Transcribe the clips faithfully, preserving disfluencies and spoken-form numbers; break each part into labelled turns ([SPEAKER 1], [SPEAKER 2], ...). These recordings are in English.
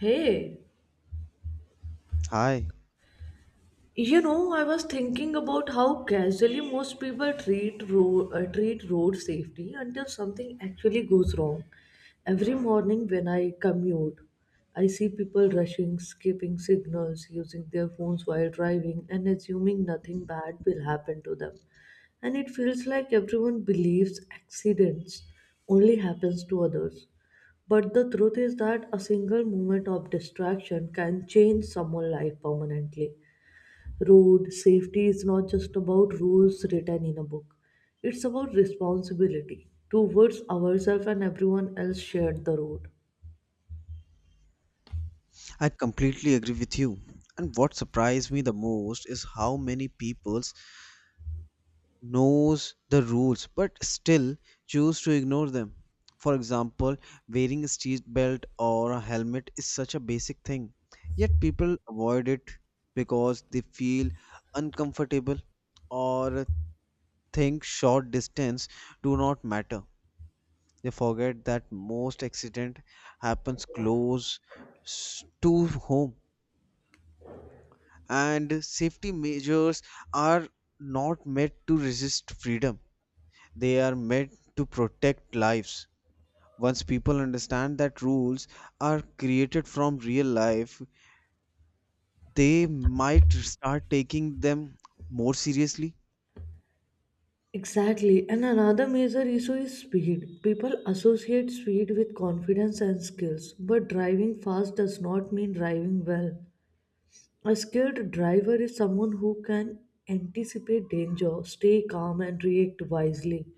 [SPEAKER 1] Hey,
[SPEAKER 2] Hi,
[SPEAKER 1] you know, I was thinking about how casually most people treat road, uh, treat road safety until something actually goes wrong. Every morning when I commute, I see people rushing, skipping signals, using their phones while driving, and assuming nothing bad will happen to them. And it feels like everyone believes accidents only happens to others. But the truth is that a single moment of distraction can change someone's life permanently. Road safety is not just about rules written in a book, it's about responsibility towards ourselves and everyone else shared the road.
[SPEAKER 2] I completely agree with you. And what surprised me the most is how many peoples knows the rules but still choose to ignore them. For example, wearing a seat belt or a helmet is such a basic thing, yet people avoid it because they feel uncomfortable or think short distance do not matter. They forget that most accident happens close s- to home, and safety measures are not meant to resist freedom, they are meant to protect lives. Once people understand that rules are created from real life, they might start taking them more seriously.
[SPEAKER 1] Exactly, and another major issue is speed. People associate speed with confidence and skills, but driving fast does not mean driving well. A skilled driver is someone who can anticipate danger, stay calm, and react wisely.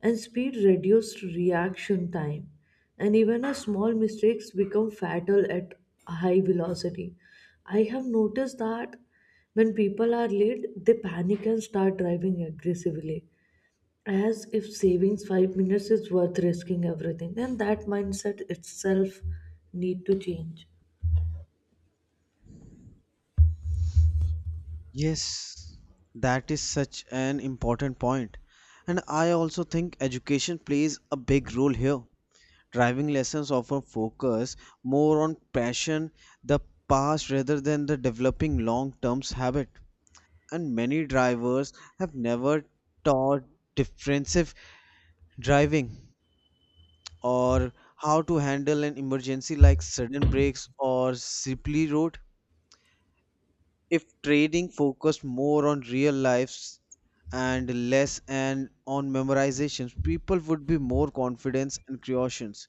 [SPEAKER 1] And speed reduced reaction time, and even a small mistakes become fatal at high velocity. I have noticed that when people are late, they panic and start driving aggressively as if savings five minutes is worth risking everything, and that mindset itself need to change.
[SPEAKER 2] Yes, that is such an important point, and I also think education plays a big role here. Driving lessons often focus more on passion, the past rather than the developing long-term habit. And many drivers have never taught defensive driving or how to handle an emergency like sudden brakes or slippery road. If trading focused more on real lives and less and on memorizations, people would be more confident and cautious.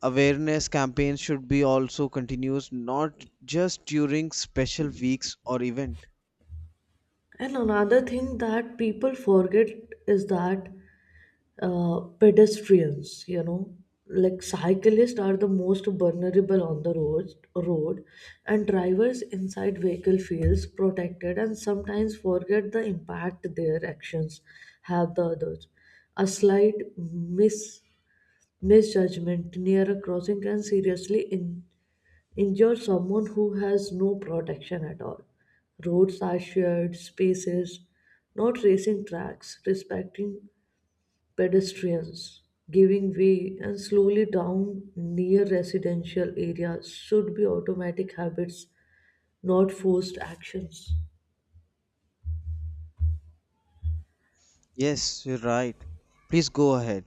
[SPEAKER 2] Awareness campaigns should be also continuous, not just during special weeks or event.
[SPEAKER 1] And another thing that people forget is that uh, pedestrians, you know like cyclists, are the most vulnerable on the roads road and drivers inside vehicle feels protected and sometimes forget the impact their actions have the others. A slight mis misjudgment near a crossing can seriously in, injure someone who has no protection at all. Roads are shared spaces, not racing tracks. Respecting pedestrians, giving way, and slowly down near residential areas should be automatic habits, not forced actions.
[SPEAKER 2] Yes, you're right, please go ahead.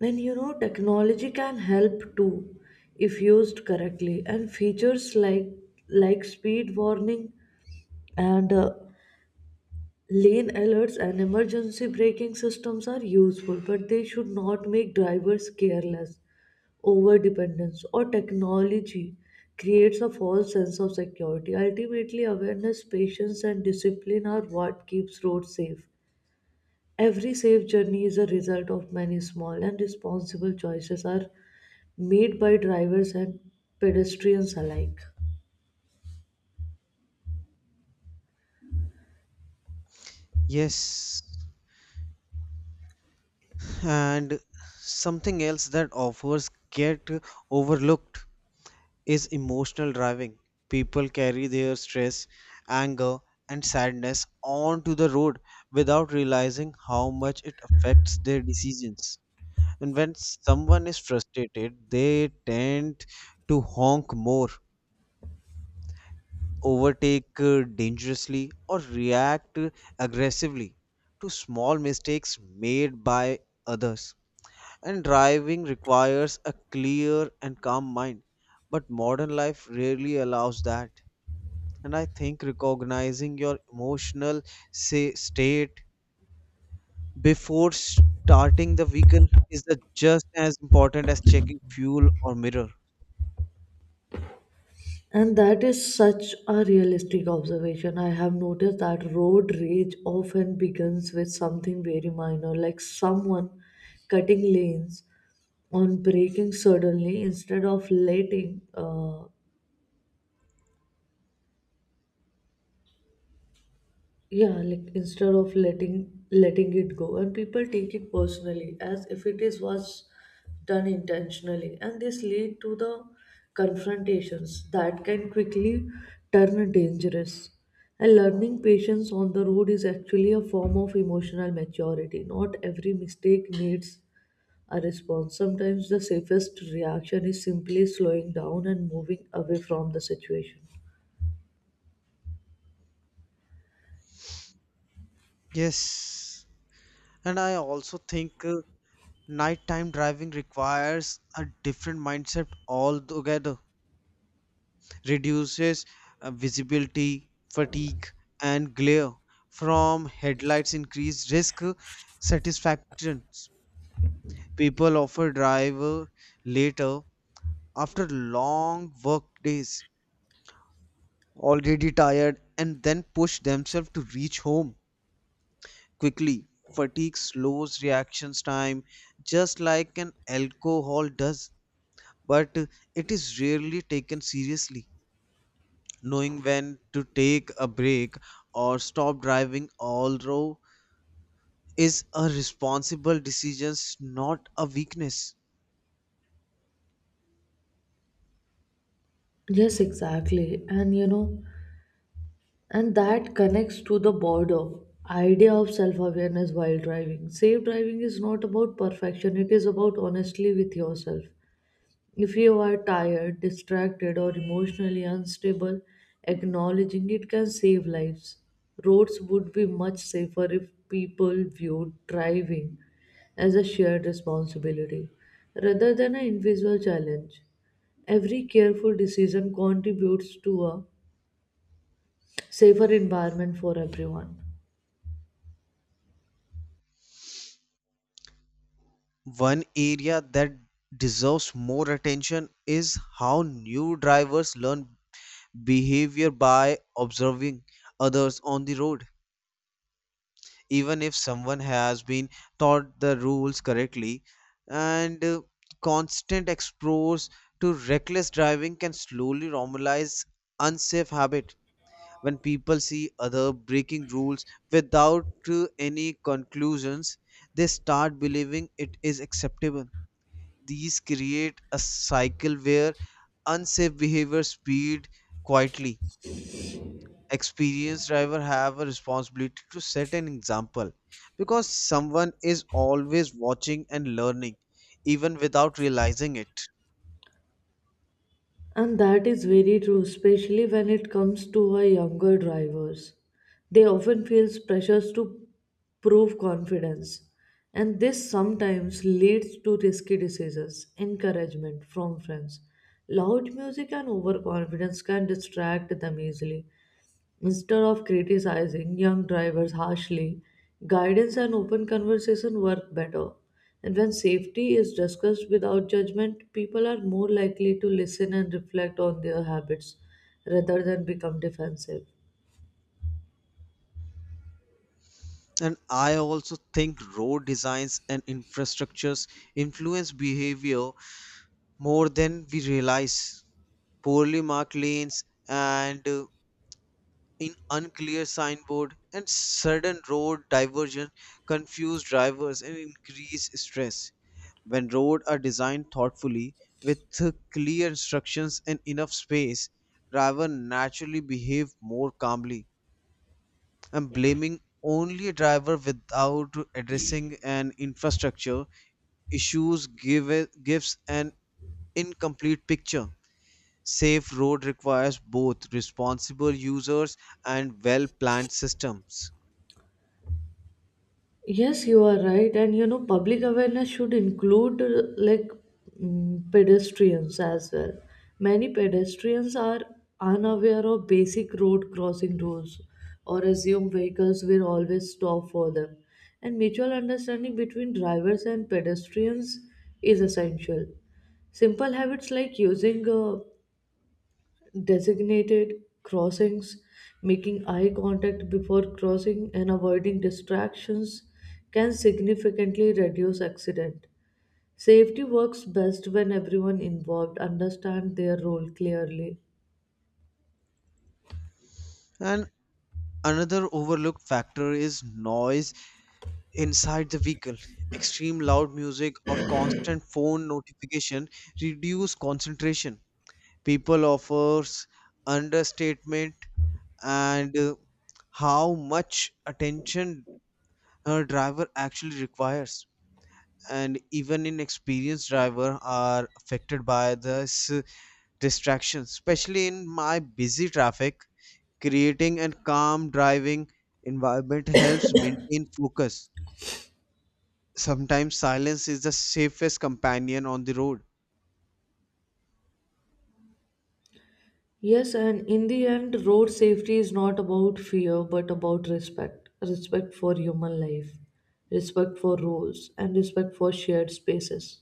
[SPEAKER 1] And you know, technology can help too if used correctly, and features like like speed warning and uh, lane alerts and emergency braking systems are useful, but they should not make drivers careless. Overdependence or technology creates a false sense of security. Ultimately, awareness, patience, and discipline are what keeps roads safe. Every safe journey is a result of many small and responsible choices are made by drivers and pedestrians alike.
[SPEAKER 2] Yes, and something else that offers get overlooked is emotional driving. People carry their stress, anger, and sadness onto the road without realizing how much it affects their decisions. And when someone is frustrated, they tend to honk more, overtake uh, dangerously, or react aggressively to small mistakes made by others. And driving requires a clear and calm mind, but modern life rarely allows that. And I think recognizing your emotional say, state before starting the vehicle is the just as important as checking fuel or mirror.
[SPEAKER 1] And that is such a realistic observation. I have noticed that road rage often begins with something very minor, like someone cutting lanes on breaking suddenly instead of letting uh, yeah like instead of letting letting it go, and people take it personally as if it is was done intentionally, and this lead to the confrontations that can quickly turn dangerous. And learning patience on the road is actually a form of emotional maturity. Not every mistake needs a response. Sometimes the safest reaction is simply slowing down and moving away from the situation.
[SPEAKER 2] Yes, and I also think uh, nighttime driving requires a different mindset altogether. Reduces uh, visibility, fatigue, and glare from headlights, increase risk uh, satisfactions. People often drive uh, later after long work days, already tired, and then push themselves to reach home quickly. Fatigue slows reactions time just like an alcohol does, but it is rarely taken seriously. Knowing when to take a break or stop driving, although, is a responsible decision, not a weakness.
[SPEAKER 1] Yes, exactly. And you know, and that connects to the border idea of self awareness while driving. Safe driving is not about perfection, it is about honestly with yourself. If you are tired, distracted, or emotionally unstable, acknowledging it can save lives. Roads would be much safer if people viewed driving as a shared responsibility rather than an invisible challenge. Every careful decision contributes to a safer environment for everyone.
[SPEAKER 2] One area that deserves more attention is how new drivers learn behavior by observing others on the road. Even if someone has been taught the rules correctly and uh, constant exposure to reckless driving can slowly normalize unsafe habit. When people see other breaking rules without uh, any conclusions, they start believing it is acceptable. These create a cycle where unsafe behavior speed quietly. Experienced driver have a responsibility to set an example because someone is always watching and learning even without realizing it.
[SPEAKER 1] And that is very true, especially when it comes to our younger drivers. They often feel pressures to prove confidence, and this sometimes leads to risky decisions, encouragement from friends. Loud music and overconfidence can distract them easily. Instead of criticizing young drivers harshly, guidance and open conversation work better. And when safety is discussed without judgment, people are more likely to listen and reflect on their habits rather than become defensive.
[SPEAKER 2] And I also think road designs and infrastructures influence behavior more than we realize. Poorly marked lanes and uh, in unclear signboard and sudden road diversion confuse drivers and increase stress. When roads are designed thoughtfully with clear instructions and enough space, drivers naturally behave more calmly. And blaming only a driver without addressing an infrastructure issues give it- gives an incomplete picture. Safe road requires both responsible users and well planned systems.
[SPEAKER 1] Yes, you are right. And you know, public awareness should include uh, like mm, pedestrians as well. Many pedestrians are unaware of basic road crossing rules or assume vehicles will always stop for them. And mutual understanding between drivers and pedestrians is essential. Simple habits like using uh, designated crossings, making eye contact before crossing, and avoiding distractions can significantly reduce accident. Safety works best when everyone involved understand their role clearly.
[SPEAKER 2] And another overlooked factor is noise inside the vehicle. Extreme loud music or constant phone notification reduce concentration. People offers understatement and uh, how much attention a driver actually requires. And even inexperienced driver are affected by this uh, distraction, especially in my busy traffic. Creating a calm driving environment helps maintain focus. Sometimes silence is the safest companion on the road.
[SPEAKER 1] Yes, and in the end, road safety is not about fear but about respect. Respect for human life, respect for rules, and respect for shared spaces.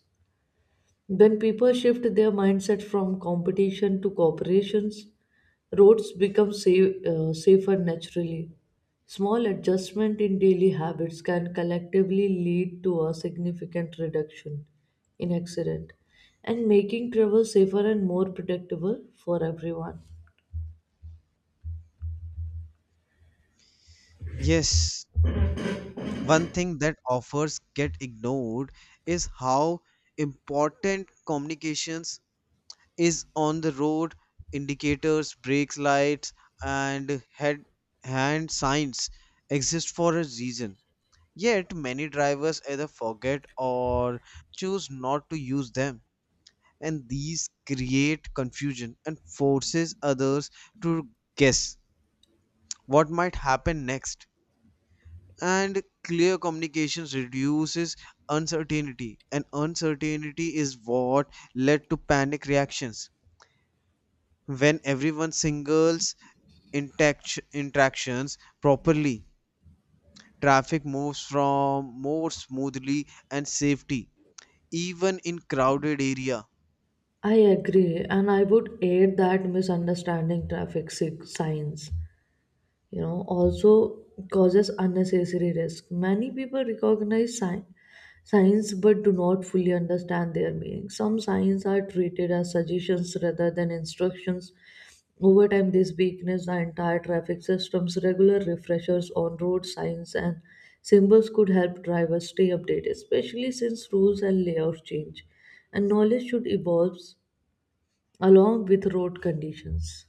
[SPEAKER 1] When people shift their mindset from competition to cooperations, roads become safe, uh, safer naturally. Small adjustment in daily habits can collectively lead to a significant reduction in accident, and making travel safer and more predictable for everyone.
[SPEAKER 2] Yes, one thing that offers get ignored is how important communications is on the road. Indicators, brakes lights, and head hand signs exist for a reason. Yet many drivers either forget or choose not to use them. And these create confusion and forces others to guess what might happen next. And clear communications reduces uncertainty, and uncertainty is what led to panic reactions. When everyone singles interact- interactions properly, traffic moves from more smoothly and safety even in crowded area.
[SPEAKER 1] I agree, and I would add that misunderstanding traffic sig- signs, you know, also causes unnecessary risk. Many people recognize sign, signs but do not fully understand their meaning. Some signs are treated as suggestions rather than instructions. Over time this weakness the entire traffic systems. Regular refreshers on road signs and symbols could help drivers stay updated, especially since rules and layout change, and knowledge should evolve along with road conditions.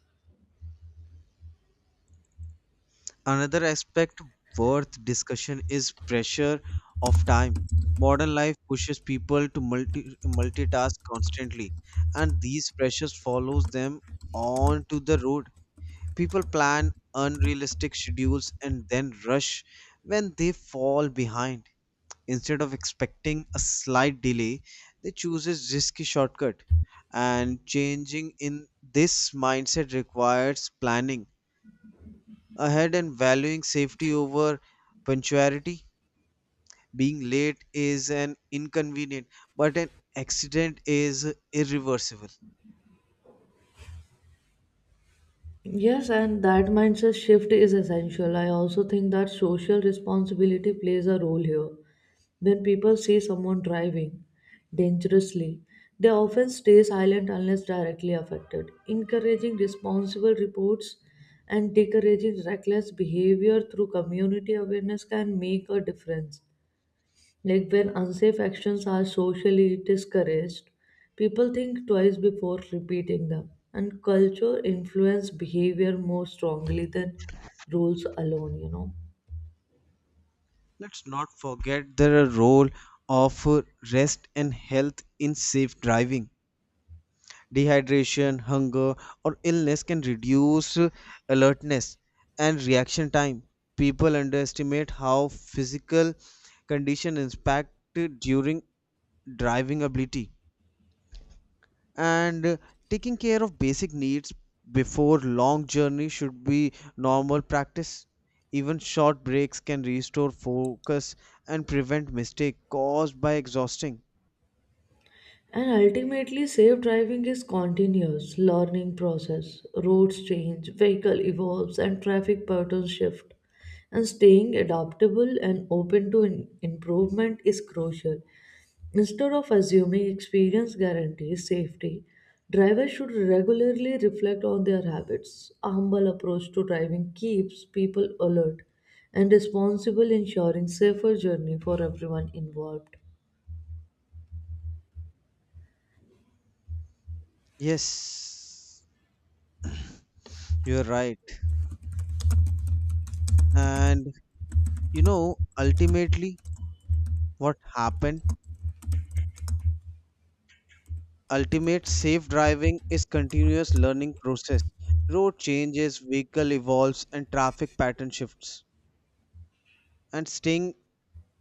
[SPEAKER 2] Another aspect worth discussion is pressure of time. Modern life pushes people to multi- multitask constantly, and these pressures follows them onto the road. People plan unrealistic schedules and then rush when they fall behind. Instead of expecting a slight delay, they chooses risky shortcut. And changing in this mindset requires planning ahead and valuing safety over punctuality. Being late is an inconvenient, but an accident is irreversible.
[SPEAKER 1] Yes, and that mindset shift is essential. I also think that social responsibility plays a role here. When people see someone driving dangerously, they often stay silent unless directly affected. Encouraging responsible reports and discouraging reckless behavior through community awareness can make a difference. Like when unsafe actions are socially discouraged, people think twice before repeating them. And culture influence behavior more strongly than rules alone, you know.
[SPEAKER 2] Let's not forget the role of rest and health in safe driving. Dehydration, hunger, or illness can reduce alertness and reaction time. People underestimate how physical condition impact during driving ability and uh, taking care of basic needs before long journey should be normal practice. Even short breaks can restore focus and prevent mistake caused by exhausting.
[SPEAKER 1] And ultimately, safe driving is continuous learning process. Roads change, vehicle evolves, and traffic patterns shift. And staying adaptable and open to in- improvement is crucial. Instead of assuming experience guarantees safety, drivers should regularly reflect on their habits. A humble approach to driving keeps people alert and responsible, ensuring safer journey for everyone involved.
[SPEAKER 2] Yes, you're right. And you know, ultimately what happened, ultimate safe driving is continuous learning process. Road changes, vehicle evolves, and traffic pattern shifts. And staying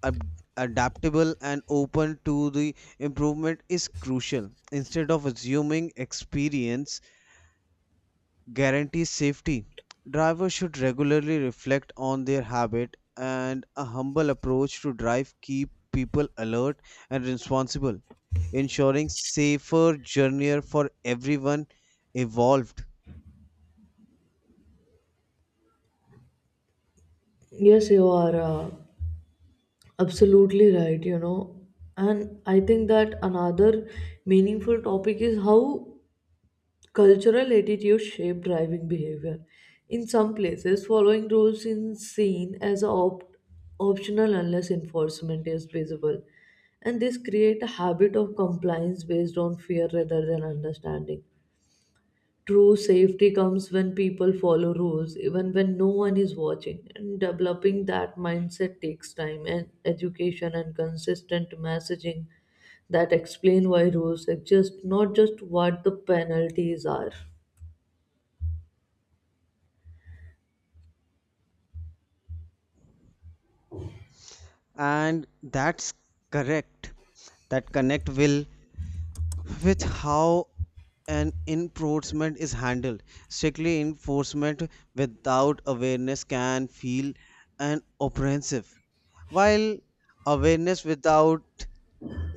[SPEAKER 2] ab- adaptable and open to the improvement is crucial. Instead of assuming experience guarantees safety, drivers should regularly reflect on their habit, and a humble approach to drive keep people alert and responsible, ensuring safer journey for everyone evolved.
[SPEAKER 1] Yes, you are. Uh, Absolutely right, you know. And I think that another meaningful topic is how cultural attitudes shape driving behavior. In some places, following rules is seen as a op- optional unless enforcement is visible. And this create a habit of compliance based on fear rather than understanding. True safety comes when people follow rules, even when no one is watching. And developing that mindset takes time and education and consistent messaging that explain why rules exist, not just what the penalties are.
[SPEAKER 2] And that's correct. That connect will with how an enforcement is handled. Strictly enforcement without awareness can feel an oppressive, while awareness without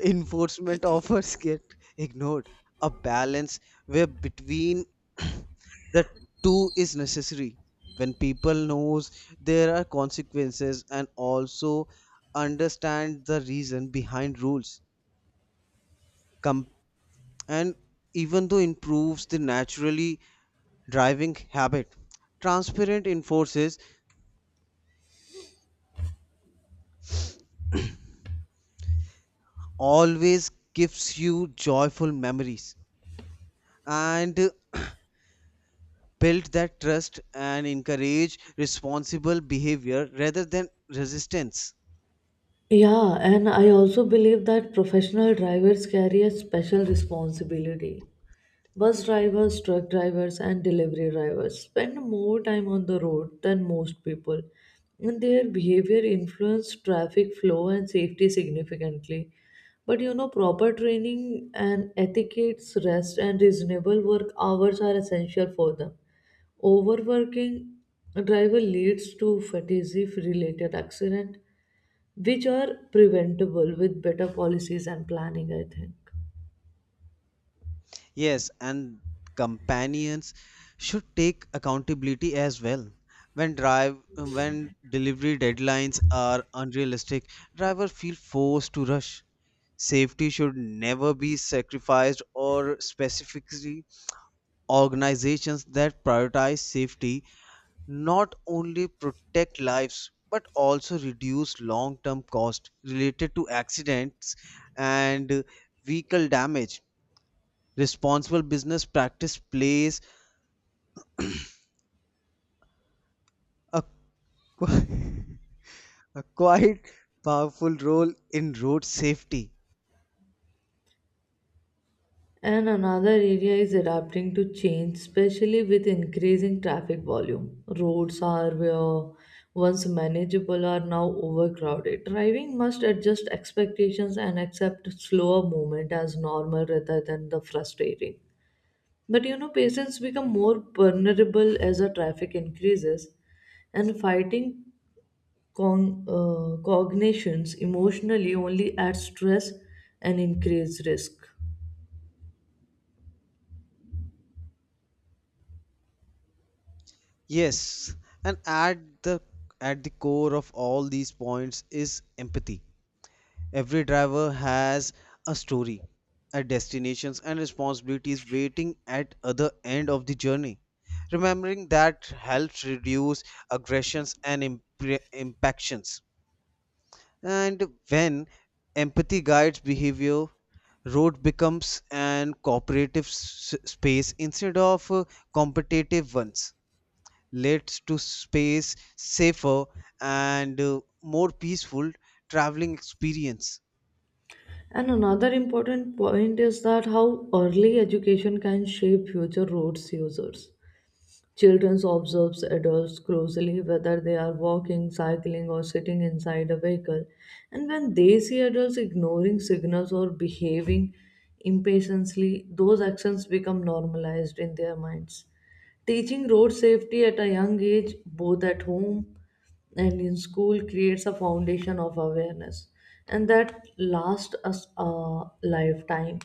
[SPEAKER 2] enforcement offers get ignored. A balance where between the two is necessary. When people knows there are consequences and also understand the reason behind rules, and even though improves the naturally driving habit, transparent enforces always gives you joyful memories and uh, build that trust and encourage responsible behavior rather than resistance.
[SPEAKER 1] Yeah, and I also believe that professional drivers carry a special responsibility. Bus drivers, truck drivers, and delivery drivers spend more time on the road than most people, and their behavior influences traffic flow and safety significantly. But you know, proper training and etiquettes, rest, and reasonable work hours are essential for them. Overworking a driver leads to fatigue related accident which are preventable with better policies and planning, I think.
[SPEAKER 2] Yes, and companions should take accountability as well. When drive when delivery deadlines are unrealistic, drivers feel forced to rush. Safety should never be sacrificed or specifically, organizations that prioritize safety not only protect lives but also reduce long-term cost related to accidents and vehicle damage. Responsible business practice plays a, qui- a quite powerful role in road safety.
[SPEAKER 1] And another area is adapting to change, especially with increasing traffic volume. Roads are where once manageable are now overcrowded. Driving must adjust expectations and accept slower movement as normal rather than the frustrating. But you know, patients become more vulnerable as the traffic increases, and fighting Con- uh, cognitions emotionally only add stress and increase risk.
[SPEAKER 2] Yes, and at the at the core of all these points is empathy. Every driver has a story, a destinations and responsibilities waiting at other end of the journey. Remembering that helps reduce aggressions and impre- impactions. And when empathy guides behavior, road becomes an cooperative s- space instead of uh, competitive ones. Leads to space safer and uh, more peaceful traveling experience.
[SPEAKER 1] And another important point is that how early education can shape future roads users. Children observe adults closely whether they are walking, cycling, or sitting inside a vehicle, and when they see adults ignoring signals or behaving impatiently, those actions become normalized in their minds. Teaching road safety at a young age, both at home and in school, creates a foundation of awareness, and that lasts us a lifetime.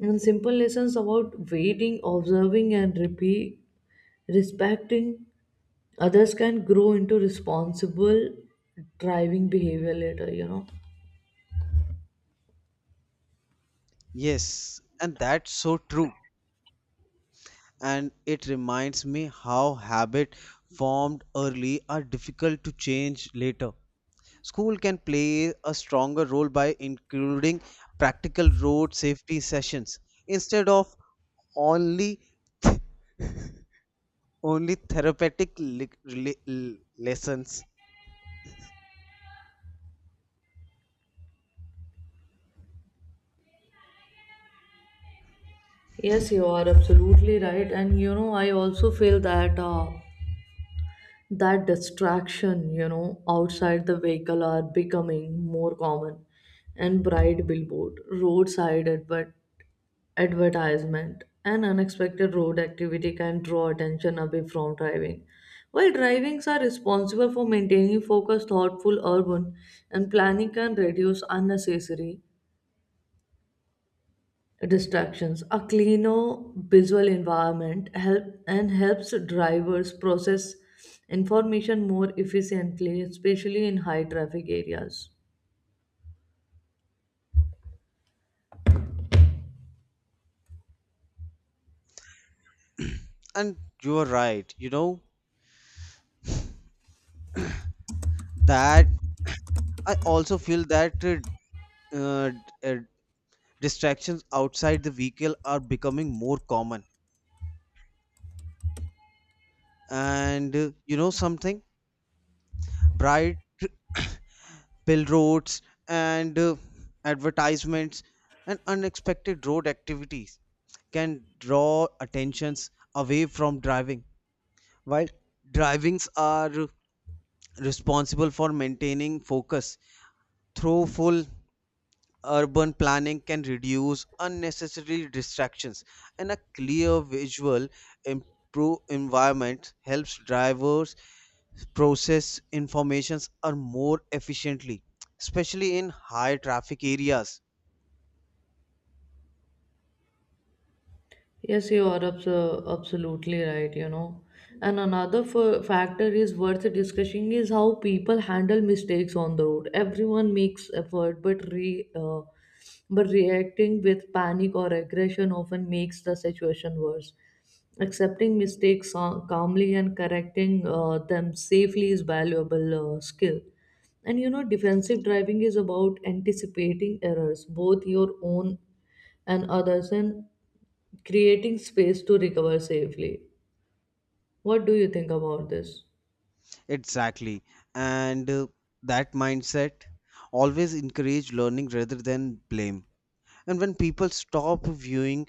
[SPEAKER 1] And simple lessons about waiting, observing, and repeat respecting others can grow into responsible driving behavior later, you know.
[SPEAKER 2] Yes, and that's so true. And it reminds me how habit formed early are difficult to change later. School can play a stronger role by including practical road safety sessions instead of only only therapeutic li- li- l- lessons.
[SPEAKER 1] Yes, you are absolutely right, and you know, I also feel that uh, that distraction, you know, outside the vehicle are becoming more common, and bright billboard roadside advert advertisement. An unexpected road activity can draw attention away from driving. While drivings are responsible for maintaining focus, thoughtful urban and planning can reduce unnecessary distractions. A cleaner visual environment help and helps drivers process information more efficiently, especially in high traffic areas.
[SPEAKER 2] And you are right. You know that I also feel that uh, uh, d- uh, distractions outside the vehicle are becoming more common. And uh, you know something, bright billboards and uh, advertisements and unexpected road activities can draw attentions away from driving while drivings are responsible for maintaining focus, through full urban planning can reduce unnecessary distractions, and a clear visual improve environment helps drivers process informations are more efficiently especially in high traffic areas.
[SPEAKER 1] Yes, you are abso- absolutely right, you know. And another f- factor is worth discussing is how people handle mistakes on the road. Everyone makes effort, but re uh, but reacting with panic or aggression often makes the situation worse. Accepting mistakes uh, calmly and correcting uh, them safely is valuable uh, skill. And you know, defensive driving is about anticipating errors, both your own and others, and creating space to recover safely. What do you think about this?
[SPEAKER 2] Exactly, and uh, that mindset always encourage learning rather than blame. And when people stop viewing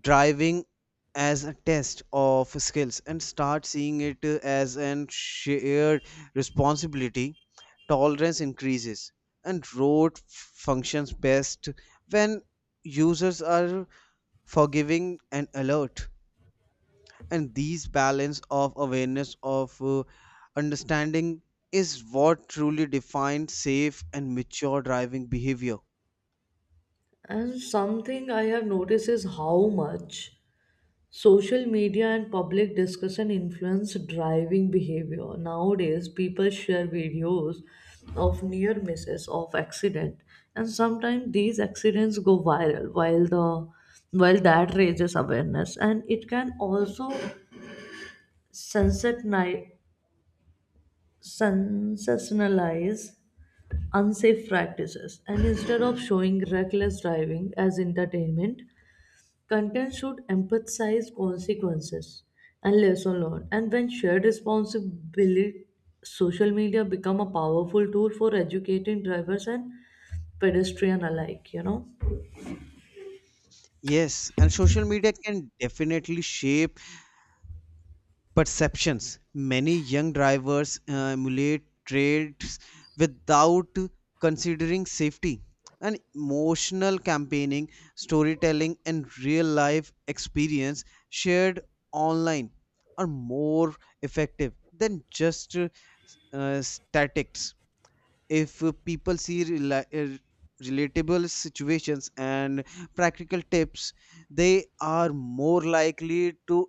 [SPEAKER 2] driving as a test of skills and start seeing it uh, as an shared responsibility, tolerance increases, and road functions best when users are forgiving and alert. And these balance of awareness of uh, understanding is what truly defines safe and mature driving behavior.
[SPEAKER 1] And something I have noticed is how much social media and public discussion influence driving behavior. Nowadays, people share videos of near misses of accident, and sometimes these accidents go viral while the while that raises awareness, and it can also sensatize sensationalize unsafe practices. And instead of showing reckless driving as entertainment, content should emphasize consequences and lesson learned. And when shared responsibility, social media become a powerful tool for educating drivers and pedestrian alike, you know.
[SPEAKER 2] Yes, and social media can definitely shape perceptions. Many young drivers uh, emulate traits without considering safety. And emotional campaigning, storytelling, and real life experience shared online are more effective than just uh, uh, statics. If uh, people see rela- uh, relatable situations and practical tips, they are more likely to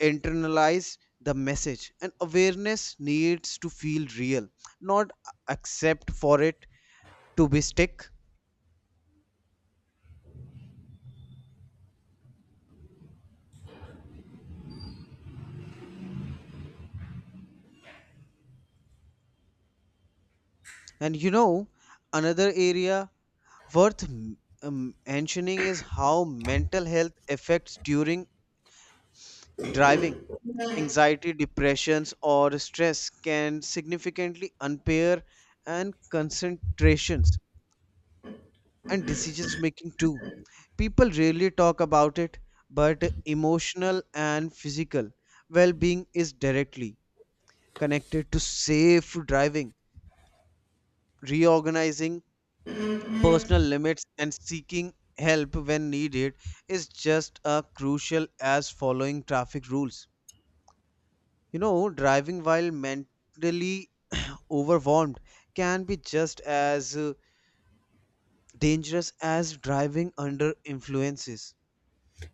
[SPEAKER 2] internalize the message, and awareness needs to feel real, not accept for it to be stick. And you know, another area worth um, mentioning is how mental health affects during driving. Anxiety, depressions, or stress can significantly impair and concentrations and decisions making too. People rarely talk about it, but emotional and physical well being is directly connected to safe driving. Reorganizing personal limits and seeking help when needed is just as crucial as following traffic rules. You know, driving while mentally overwhelmed can be just as uh, dangerous as driving under influences.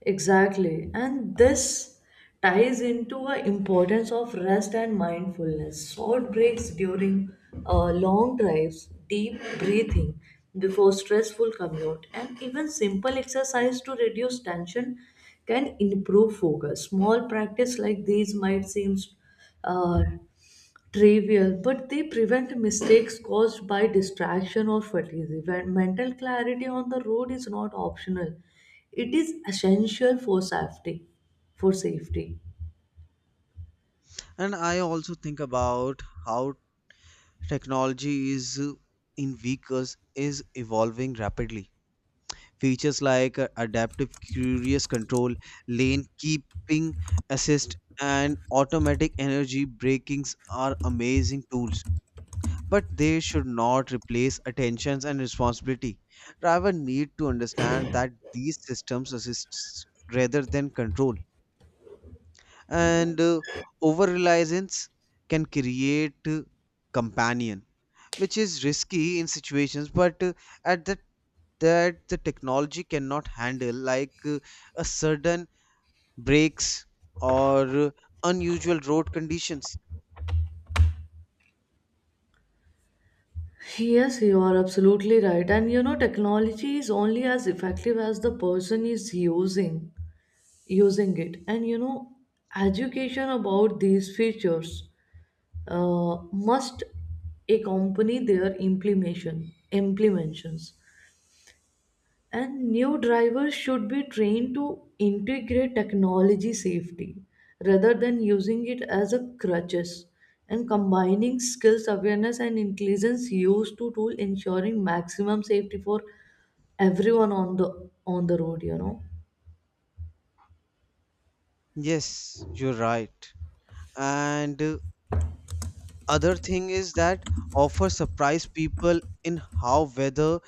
[SPEAKER 1] Exactly. And this ties into the importance of rest and mindfulness. Short breaks during uh, long drives, deep breathing before stressful commute, and even simple exercise to reduce tension can improve focus. Small practice like these might seem uh, trivial, but they prevent mistakes caused by distraction or fatigue. When mental clarity on the road is not optional, it is essential for safety. For safety.
[SPEAKER 2] And I also think about how technology is uh, in vehicles is evolving rapidly. Features like uh, adaptive cruise control, lane keeping assist, and automatic energy brakings are amazing tools. But they should not replace attentions and responsibility. Drivers need to understand that these systems assist rather than control. And uh, over reliance can create uh, companion which is risky in situations, but uh, at that that the technology cannot handle like uh, a sudden breaks or uh, unusual road conditions.
[SPEAKER 1] Yes, you are absolutely right. And you know, technology is only as effective as the person is using using it. And you know, education about these features uh, must accompany their implementation implementations. And new drivers should be trained to integrate technology safety rather than using it as a crutches, and combining skills awareness and intelligence used to tool ensuring maximum safety for everyone on the on the road, you know.
[SPEAKER 2] Yes, you're right. And uh, other thing is that offer surprise people in how weather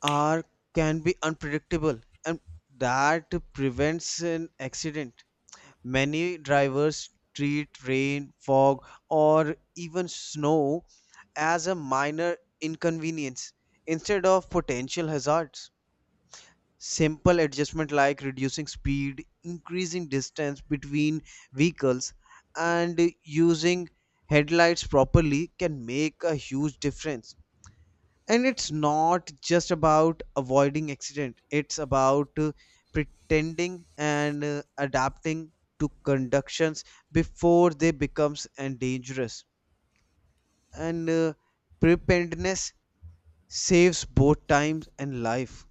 [SPEAKER 2] are can be unpredictable and that prevents an accident. Many drivers treat rain, fog, or even snow as a minor inconvenience instead of potential hazards. Simple adjustment like reducing speed, increasing distance between vehicles, and using headlights properly can make a huge difference. And it's not just about avoiding accident, it's about uh, pretending and uh, adapting to conductions before they becomes and dangerous. And uh, preparedness saves both time and life.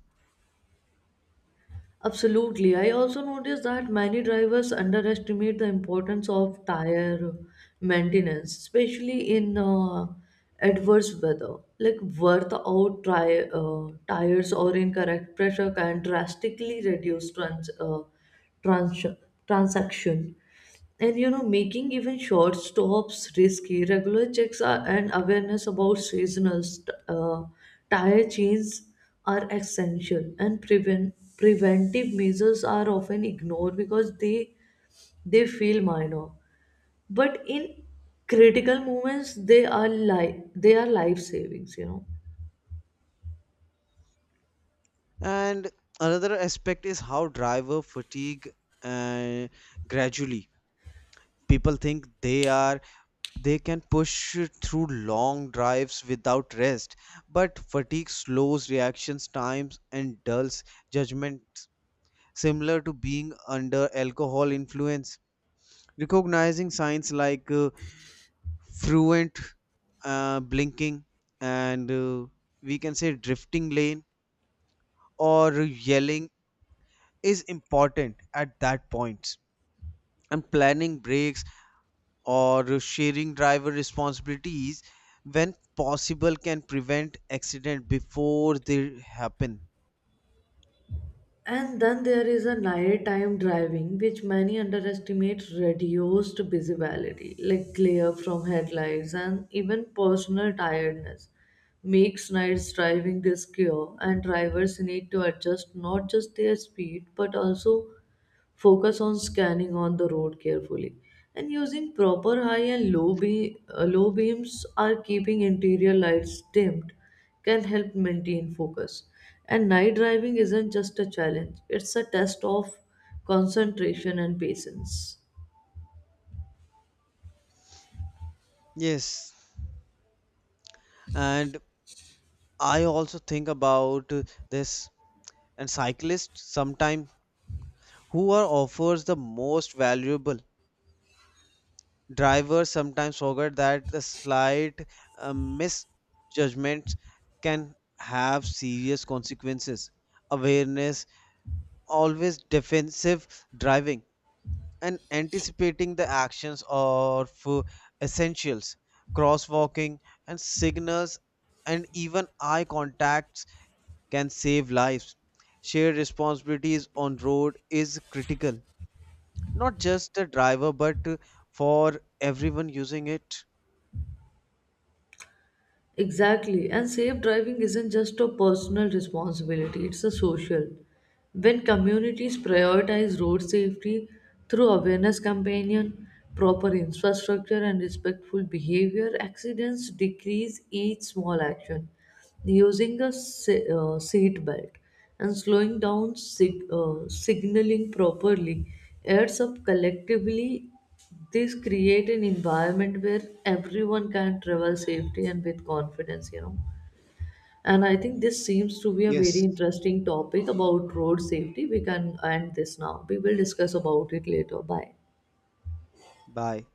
[SPEAKER 1] Absolutely. I also noticed that many drivers underestimate the importance of tire maintenance, especially in uh, adverse weather. Like worth out tri- uh, tires or incorrect pressure can drastically reduce trans- uh, trans- transaction. And you know, making even short stops risky. Regular checks are, and awareness about seasonal st- uh, tire changes are essential. And prevent preventive measures are often ignored because they they feel minor, but in critical moments they are li- they are life savings. You know.
[SPEAKER 2] And another aspect is how driver fatigue uh, gradually, people think they are, they can push through long drives without rest, but fatigue slows reactions times and dulls judgment, similar to being under alcohol influence. Recognizing signs like uh, fluent uh, blinking and uh, we can say drifting lane or yelling is important at that point. And planning breaks or sharing driver responsibilities when possible can prevent accident before they happen.
[SPEAKER 1] And then there is a nighttime driving, which many underestimate reduced visibility, like glare from headlights and even personal tiredness, makes nights driving riskier, and drivers need to adjust not just their speed but also focus on scanning on the road carefully, and using proper high and low, be- uh, low beams or keeping interior lights dimmed can help maintain focus. And night driving isn't just a challenge, it's a test of concentration and patience.
[SPEAKER 2] Yes, and I also think about uh, this and cyclists sometimes who are offers the most valuable. Drivers sometimes forget that the slight uh, misjudgments can have serious consequences. Awareness, always defensive driving, and anticipating the actions of uh, essentials, crosswalking and signals and even eye contacts can save lives. Shared responsibilities on road is critical, not just the driver but uh, for everyone using it.
[SPEAKER 1] Exactly. And safe driving isn't just a personal responsibility, it's a social. When communities prioritize road safety through awareness campaign, proper infrastructure and respectful behavior, accidents decrease each small action. Using a se- uh, seat belt and slowing down sig- uh, signaling properly adds up collectively. This create an environment where everyone can travel safely and with confidence, you know. And I think this seems to be a very
[SPEAKER 2] Yes,
[SPEAKER 1] interesting topic about road safety. We can end this now. We will discuss about it later. Bye.
[SPEAKER 2] bye.